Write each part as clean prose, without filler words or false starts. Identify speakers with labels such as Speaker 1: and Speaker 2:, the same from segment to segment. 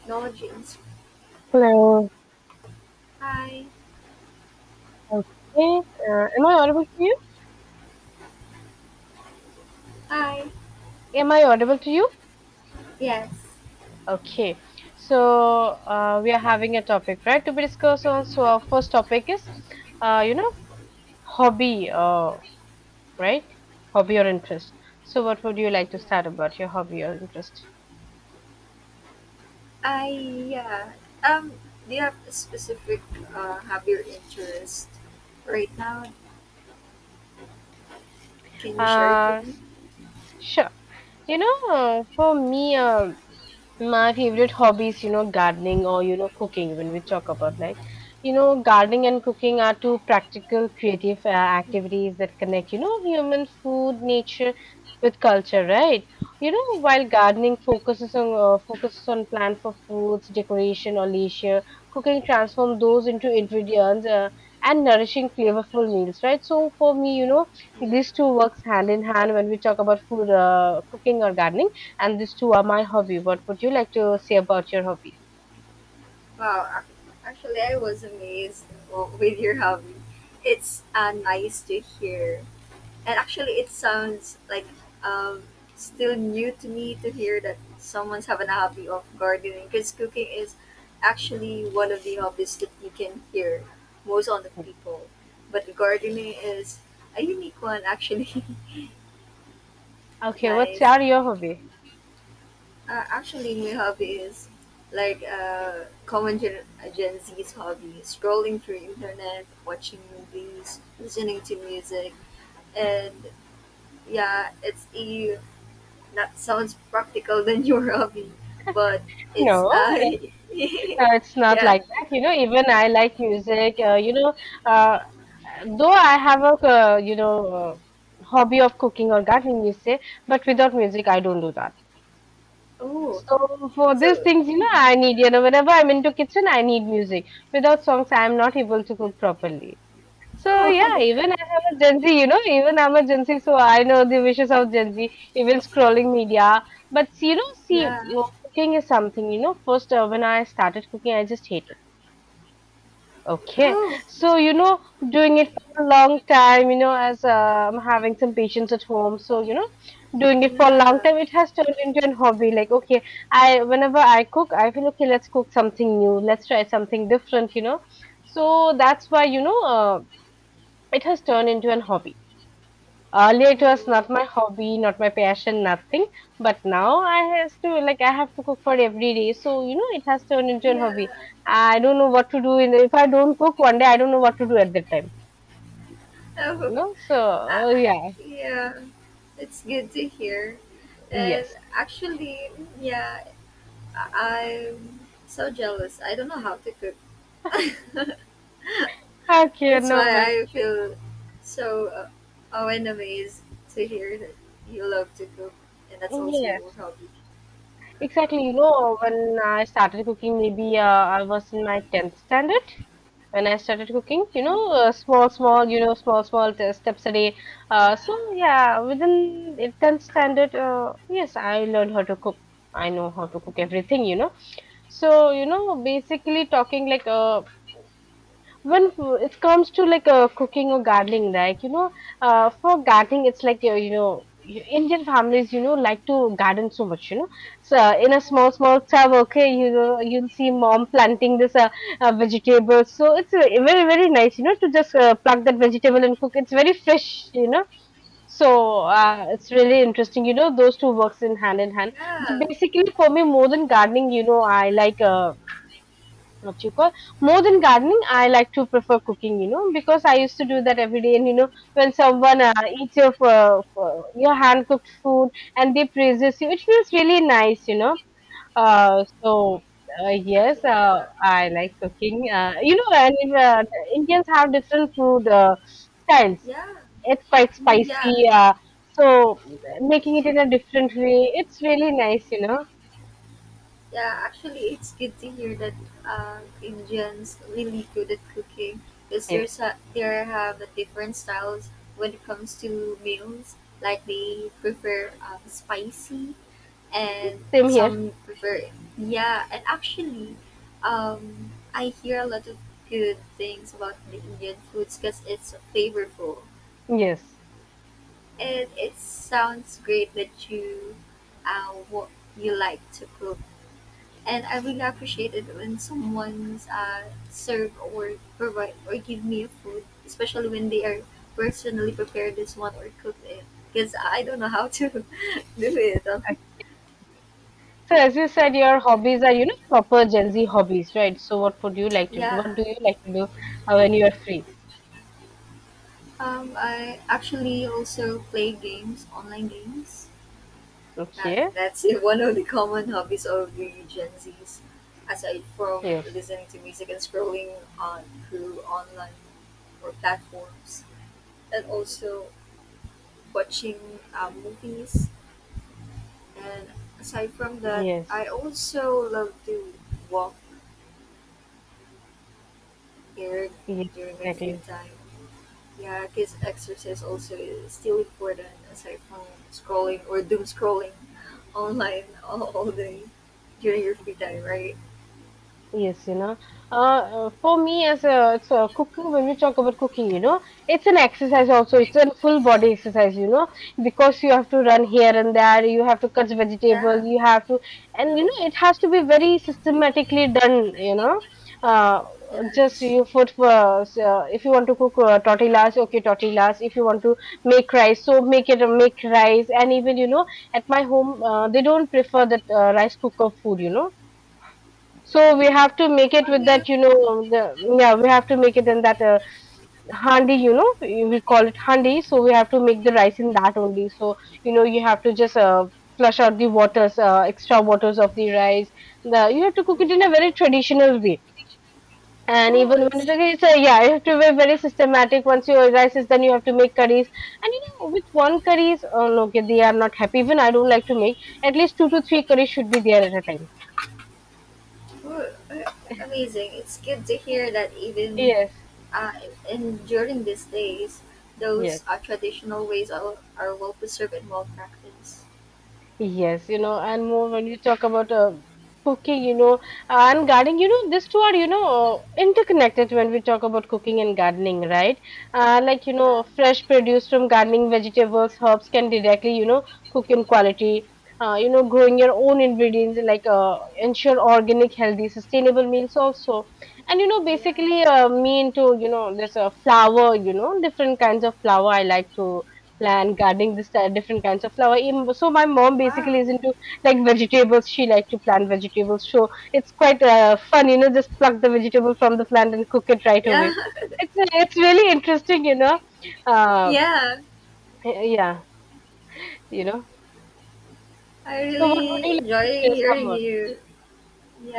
Speaker 1: Technologies.
Speaker 2: Hello.
Speaker 1: Hi.
Speaker 2: Okay. Am I audible to you?
Speaker 1: Hi.
Speaker 2: Am I audible to you?
Speaker 1: Yes.
Speaker 2: Okay. So we are having a topic, right, to be discussed on. So our first topic is, uh, you know, hobby, right? Hobby or interest. So what would you like to
Speaker 1: Yeah.
Speaker 2: start about your hobby or interest?
Speaker 1: I yeah. Um. Do you have a specific hobby or interest right now? Can you share it with
Speaker 2: Uh,
Speaker 1: me?
Speaker 2: sure. For me. My favorite hobbies, gardening or, cooking, when we talk about like, gardening and cooking are two practical, creative activities that connect, human food, nature with culture, right? While gardening focuses on focuses on plant for foods, decoration, or leisure, cooking transforms those into ingredients and nourishing, flavorful meals, right? So for me,
Speaker 1: Yeah.
Speaker 2: these two works hand in hand when we talk about food, cooking or gardening, and these two are my hobby. What would you like to say about your hobby?
Speaker 1: Wow. Actually, I was amazed with your hobby. It's nice to hear. And actually, it sounds like um, still new to me to hear that someone's having a hobby of gardening because cooking is actually one of the hobbies that you can hear most on the people. But gardening is a unique one, actually.
Speaker 2: Okay, what's
Speaker 1: Nice.
Speaker 2: are your hobby?
Speaker 1: Actually, my hobby is like common Gen Z's hobby, scrolling through internet, watching movies, listening to music, and yeah, it's a that sounds practical than your hobby, but it's
Speaker 2: No,
Speaker 1: I.
Speaker 2: it's not
Speaker 1: Yeah.
Speaker 2: like that. Even I like music. Uh, though I have a uh, hobby of cooking or gardening, you say, but without music, I don't do that.
Speaker 1: Oh.
Speaker 2: So for these
Speaker 1: So.
Speaker 2: things, I need whenever I'm into kitchen, I need music. Without songs, I am not able to cook properly. So yeah,
Speaker 1: Oh.
Speaker 2: even I'm a Gen Z, even I'm a Gen Z, so I know the wishes of Gen Z, even scrolling media. But see,
Speaker 1: Yeah.
Speaker 2: no, cooking is something. First, when I started cooking, I just hated. Okay.
Speaker 1: Oh.
Speaker 2: So, doing it for a long time, as I'm having some patients at home. So, doing it for a long
Speaker 1: Yeah.
Speaker 2: time, it has turned into an hobby. Like, okay, whenever I cook, I feel, okay, let's cook something new. Let's try something different, So that's why, it has turned into an hobby. Earlier, it was
Speaker 1: Oh.
Speaker 2: not my hobby, not my passion, nothing. But now I has to, like, I have to cook for every day, so it has turned into a hobby.
Speaker 1: Yeah.
Speaker 2: I don't know what to do in if I don't cook one day. I don't know what to do at that time. You
Speaker 1: Oh.
Speaker 2: know, so
Speaker 1: Uh,
Speaker 2: uh, yeah,
Speaker 1: yeah. It's good to hear. And
Speaker 2: yes.
Speaker 1: actually, yeah, I'm so jealous. I don't know how to cook.
Speaker 2: Okay,
Speaker 1: That's why
Speaker 2: no worries.
Speaker 1: I feel so oh, and amazed to hear that you love to cook and that's also your
Speaker 2: Yes,
Speaker 1: hobby.
Speaker 2: exactly. When I started cooking, maybe I was in my tenth standard. When I started cooking, small, small, small, small steps a day. So
Speaker 1: Yeah,
Speaker 2: yeah, within it tenth standard, yes, I learned how to cook. I know how to cook everything, So basically talking like when it comes to, like, cooking or gardening, like, for gardening it's like Indian families, like to garden so much, So in a small, small tub, okay, you'll see mom planting this vegetable. So it's very, very nice, to just pluck that vegetable and cook. It's very fresh, So
Speaker 1: wow.
Speaker 2: it's really interesting, Those two works in hand in hand. But
Speaker 1: Yeah,
Speaker 2: basically, for me, more than gardening, I like what you call more than gardening I like to prefer cooking, because I used to do that every day. And when someone eats your your hand cooked food and they praises you, it feels really nice, uh, so yes,
Speaker 1: yeah,
Speaker 2: I like cooking, you know and Indians have different food styles.
Speaker 1: yeah,
Speaker 2: It's quite
Speaker 1: mm,
Speaker 2: spicy.
Speaker 1: yeah,
Speaker 2: uh, so making it in a different way, it's really nice,
Speaker 1: yeah. Actually, it's good to hear that Indians really good at cooking because there's
Speaker 2: yes.
Speaker 1: a, there have a different styles when it comes to meals. Like they prefer spicy and
Speaker 2: Same here.
Speaker 1: some prefer yeah. And actually, I hear a lot of good things about the Indian foods because it's flavorful,
Speaker 2: Yes.
Speaker 1: and it sounds great that you what you like to cook, and I really appreciate it when someone's serve or provide or give me a food, especially when they are personally prepared this one or cook it, because I don't know how to do it
Speaker 2: So as you said, your hobbies are, proper Gen Z hobbies, right? So what would you like to do?
Speaker 1: yeah.
Speaker 2: What do you like to do when you are free?
Speaker 1: I actually also play games, online games. That,
Speaker 2: Okay.
Speaker 1: that's one of the common hobbies of the Gen Zs, aside from
Speaker 2: Yes.
Speaker 1: listening to music and scrolling on through online or platforms, and also watching movies. And aside from that,
Speaker 2: Yes.
Speaker 1: I also love to walk here
Speaker 2: Yes,
Speaker 1: during my free
Speaker 2: exactly.
Speaker 1: time. Yeah, cause exercise also is still important aside from scrolling or doom scrolling online all day during your free time, right?
Speaker 2: Yes, for me it's a cooking. When we talk about cooking, it's an exercise also. It's a full body exercise, because you have to run here and there. You have to cut
Speaker 1: Yeah,
Speaker 2: vegetables. And it has to be very systematically done. Uh, just
Speaker 1: yes.
Speaker 2: you put if you want to cook tortillas, okay, tortillas. If you want to make rice, so make rice. And even at my home, they don't prefer that rice cooker food. So we
Speaker 1: Oh,
Speaker 2: have to make it
Speaker 1: how do
Speaker 2: with
Speaker 1: you?
Speaker 2: that, yeah, we have to make it in that handi, we call it handi. So we have to make the rice in that only. So, you have to just flush out the waters, extra waters of the rice. You have to cook it in a
Speaker 1: Mm.
Speaker 2: very traditional way. And
Speaker 1: Oh,
Speaker 2: even when
Speaker 1: it's
Speaker 2: yeah, you have to be very systematic. Once your rice is done, you have to make curries. And with one curries, oh, no, okay, they are not happy. Even I don't like to make. At least two to three curries should be there at a time.
Speaker 1: good. Amazing. It's good to hear that even
Speaker 2: Yes,
Speaker 1: uh, in during these days,
Speaker 2: yes.
Speaker 1: those traditional ways are well preserved and well practiced.
Speaker 2: Yes, and more when you talk about cooking, and gardening, these two are, interconnected when we talk about cooking and gardening, right? Like,
Speaker 1: Yeah,
Speaker 2: fresh produce from gardening, vegetables, herbs can directly, cook in quality. Growing your own ingredients, like, ensure organic, healthy, sustainable meals also. And,
Speaker 1: yeah.
Speaker 2: basically, me into, you know, there's a flour, different kinds of flour I like to plant gardening, this different kinds of flower. So my mom
Speaker 1: Wow.
Speaker 2: basically is into like vegetables. She likes to plant vegetables, so it's quite fun, just pluck the vegetable from the plant and cook it right
Speaker 1: Yeah,
Speaker 2: away. It's really interesting, uh
Speaker 1: yeah.
Speaker 2: yeah. you know
Speaker 1: I
Speaker 2: so what would you
Speaker 1: really
Speaker 2: like
Speaker 1: enjoy
Speaker 2: to share some
Speaker 1: hearing
Speaker 2: more?
Speaker 1: you.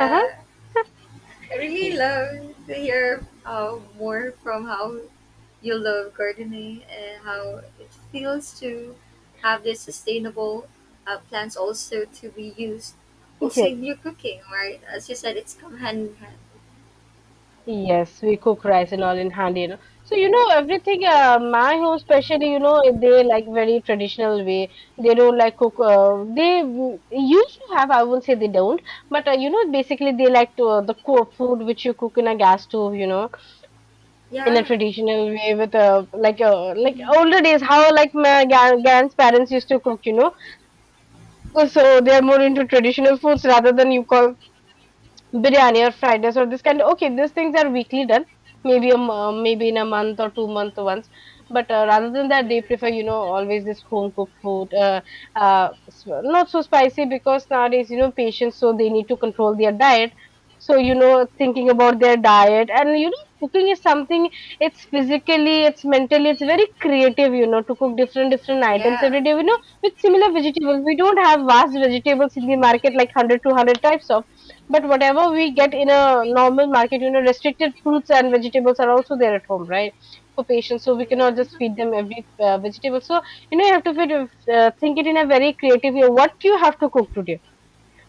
Speaker 2: Uh-huh.
Speaker 1: I really
Speaker 2: Yes.
Speaker 1: love to hear more from how you love gardening and how it feels to have these sustainable plants also to be used also
Speaker 2: Yes.
Speaker 1: in your cooking, right? As you said, it's come hand in hand.
Speaker 2: Yes, we cook rice and all in handy, So, everything, my home especially, they like very traditional way. They don't like cook, used to have, I won't say they don't, but, basically they like to, the co food which you cook in a gas stove, in a
Speaker 1: Yeah,
Speaker 2: traditional way with, like, like
Speaker 1: hmm.
Speaker 2: older days, how like my grandparents used to cook, So they're more into traditional foods rather than you call biryani or fried rice or this kind. Okay, these things are weekly done, maybe maybe in a month or two-month once, but rather than that
Speaker 1: Yeah.
Speaker 2: they prefer, always this home cooked food, not so spicy because nowadays, patients, so they need to control their diet. So thinking about their diet and cooking is something, it's physically, it's mentally, it's very creative, to cook different different items
Speaker 1: Yeah.
Speaker 2: every day, with similar vegetables. We don't have vast vegetables in the market, like one hundred two hundred types of, but whatever we
Speaker 1: Yeah.
Speaker 2: get in a normal market, restricted fruits and vegetables are also there at home, right? For patients, so we cannot just
Speaker 1: Yeah,
Speaker 2: feed them every vegetable. So you have to think it in a very creative way. What you have to cook today?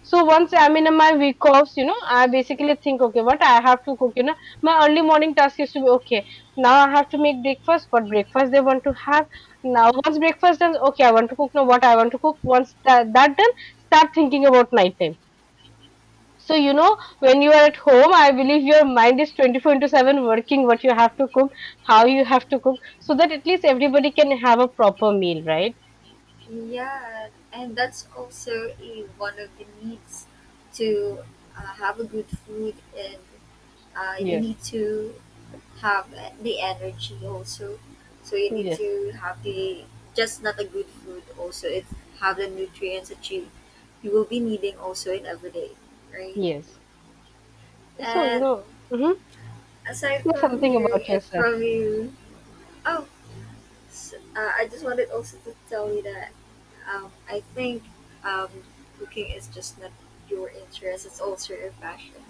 Speaker 2: So once I'm in my
Speaker 1: yeah.
Speaker 2: week offs, I basically think, okay, what I have to cook. My early morning task used to be okay. Now I have to make breakfast. What breakfast they want to have? Now once breakfast done, okay, I want to cook. Now what I want to cook? Once that done, start thinking about night. So, when you are at home, I believe your mind is 24 into 7 working what you have to cook, how you have to cook, so that at least everybody can have a proper meal, right?
Speaker 1: Yeah, and that's also a, one of the needs to have a good food, and you
Speaker 2: Yes,
Speaker 1: need to have the energy also. So you need
Speaker 2: yes,
Speaker 1: to have the just not a good food also. It have the nutrients that you will be needing also in every day, right?
Speaker 2: yes. So,
Speaker 1: And
Speaker 2: mhm.
Speaker 1: aside
Speaker 2: Say
Speaker 1: from
Speaker 2: something
Speaker 1: hearing
Speaker 2: about
Speaker 1: it
Speaker 2: yourself.
Speaker 1: from you, oh, so, I just wanted also to tell you that I think um, cooking is just not your interest; it's also your passion.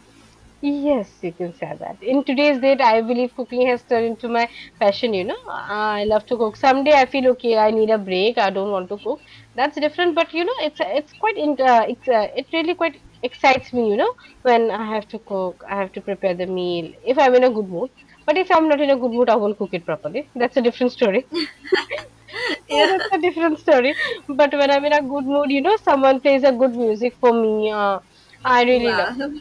Speaker 2: Yes, you can say that. In today's date, I believe cooking has turned into my passion, I love to cook. Someday I feel okay, I need a break, I don't want to cook. That's different, but it's quite in, it really quite excites me, when I have to cook, I have to prepare the meal if I'm in a good mood. But if I'm not in a good mood, I won't cook it properly. That's a different story. So
Speaker 1: Yeah.
Speaker 2: that's a different story. But when I'm in a good mood, you know, someone plays a good music for me. I really love
Speaker 1: Wow.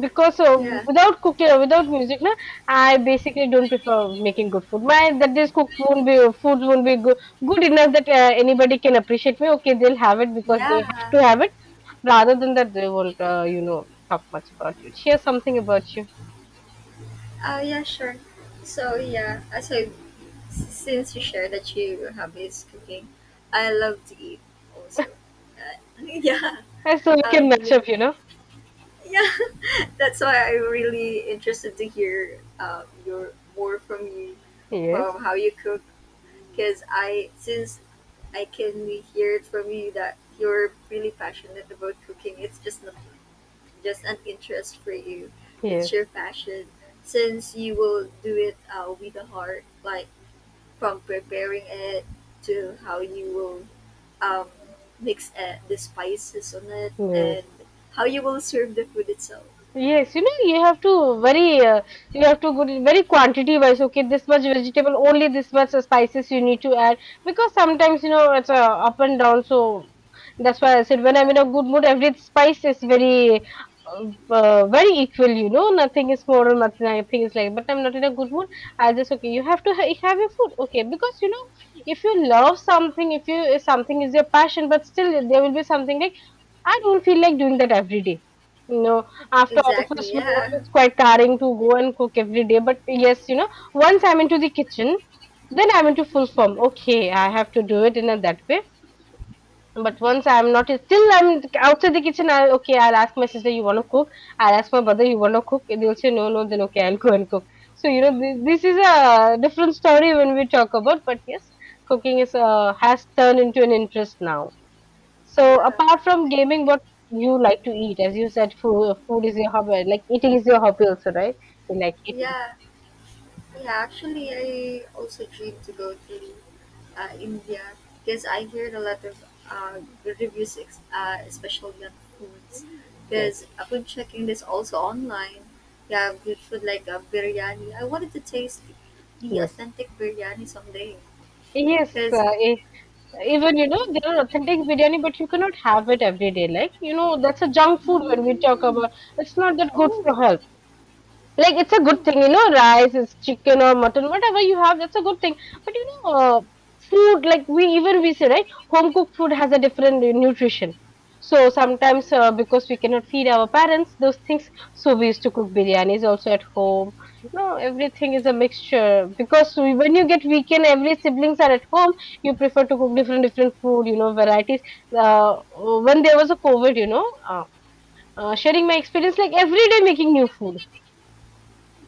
Speaker 2: because
Speaker 1: Yeah.
Speaker 2: without cooking without music na I basically don't prefer making good food my that this cook won't be foods won't be good enough that anybody can appreciate me, okay, they'll have it because they have
Speaker 1: Yeah.
Speaker 2: to have it, rather than that they won't talk much about you, share something about you
Speaker 1: Oh yeah. Sure. So yeah, so since you shared that you have this cooking, I love to eat also. Yeah.
Speaker 2: and so we
Speaker 1: Um.
Speaker 2: can match
Speaker 1: beyond-
Speaker 2: up, you know.
Speaker 1: Yeah. That's why I'm really interested to hear your more from you,
Speaker 2: Yes,
Speaker 1: from how you cook because I since I can hear it from you that you're really passionate about cooking. It's just not just an interest for you. It's your
Speaker 2: yes,
Speaker 1: passion. Since you will do it with the heart, like from preparing it to how you will um, mix the spices on it and
Speaker 2: yes.
Speaker 1: how you will serve the food itself.
Speaker 2: Yes, you know, you have to very, you have to go to very quantity wise. Okay, this much vegetable, only this much spices you need to add, because sometimes you know it's up and down. So that's why I said, when I'm in a
Speaker 1: Uh,
Speaker 2: good mood, every spice is very, very equal. You know, nothing is more or nothing, nothing is like. But I'm not in a good mood. I just okay. You have to ha have your food, okay? Because you know, if you love something, if you if something is your passion, but still there will be something like I don't feel like doing that every day. No, after
Speaker 1: exactly.
Speaker 2: office work,
Speaker 1: Yeah.
Speaker 2: it's quite tiring to go and cook every day. But yes, you know, once I'm into the kitchen, then I'm into full form. Okay, I have to do it in a, that way. But once I'm not, still I'm outside the kitchen. I okay, I'll ask my sister, you want to cook? I'll ask my brother, you want to cook? They'll say no, no. Then okay, I'll go and cook. So you know, this is a different story when we talk about. But yes, cooking is has turned into an interest now. So
Speaker 1: Yeah.
Speaker 2: apart from gaming, what you like to eat? As you said, food is your hobby. Like eating is your hobby also, right? You like eating.
Speaker 1: Yeah, yeah. Actually, I also dream to go to India because I heard a lot of good reviews, especially on foods. Because
Speaker 2: Yes.
Speaker 1: I've been checking this also online. You have good food like biryani. I wanted to taste the
Speaker 2: Yes.
Speaker 1: authentic biryani someday.
Speaker 2: Yes.
Speaker 1: Because
Speaker 2: Even you know there are authentic biryani, but you cannot have it every day. Like you know that's a junk food when we talk
Speaker 1: mm,
Speaker 2: about. It's not that good for
Speaker 1: oh,
Speaker 2: health. Like it's a good
Speaker 1: oh,
Speaker 2: thing, you know, rice, it's chicken or mutton, whatever you have, that's a good thing. But you know, food like, we even we say, right, home cooked food has a different nutrition. So sometimes, because we cannot feed our parents those things, so we used to cook biryanis also at home. You know everything is a mixture, because we, when you get weekend, every siblings are at home, you prefer to cook different different food, you know, varieties. uh, when there was a covid, you know, sharing my experience, like every day making new food,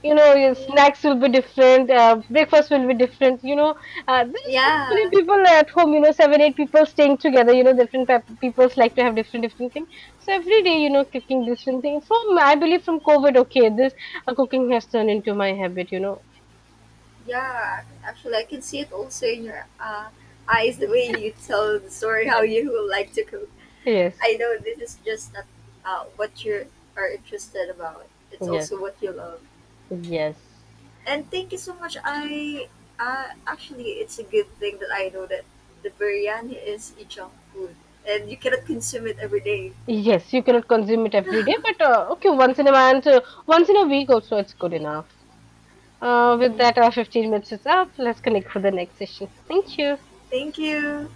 Speaker 2: you know, your
Speaker 1: yeah,
Speaker 2: snacks will be different, breakfast will be different, you know, there are so many
Speaker 1: yeah,
Speaker 2: people at home, you know, 7-8 people staying together, you know, different people like to have different different things. So every day, you know, cooking different things. From I believe from covid, okay, this cooking has turned into my habit, you know.
Speaker 1: yeah. Actually, I can see it also in your eyes the way you tell the story how
Speaker 2: Yes.
Speaker 1: you would like to cook. I
Speaker 2: Yes,
Speaker 1: know this is just not what you are interested about. It's
Speaker 2: yes,
Speaker 1: also what you love.
Speaker 2: yes,
Speaker 1: And thank you so much. I actually, it's a good thing that I know that the biryani is a junk food and you cannot consume it every day.
Speaker 2: yes, you cannot consume it every day, but okay, once in a month, once in a week also, it's good enough. With
Speaker 1: Mm.
Speaker 2: that, our 15 minutes is up. Let's connect for the next session. Thank you.
Speaker 1: Thank you.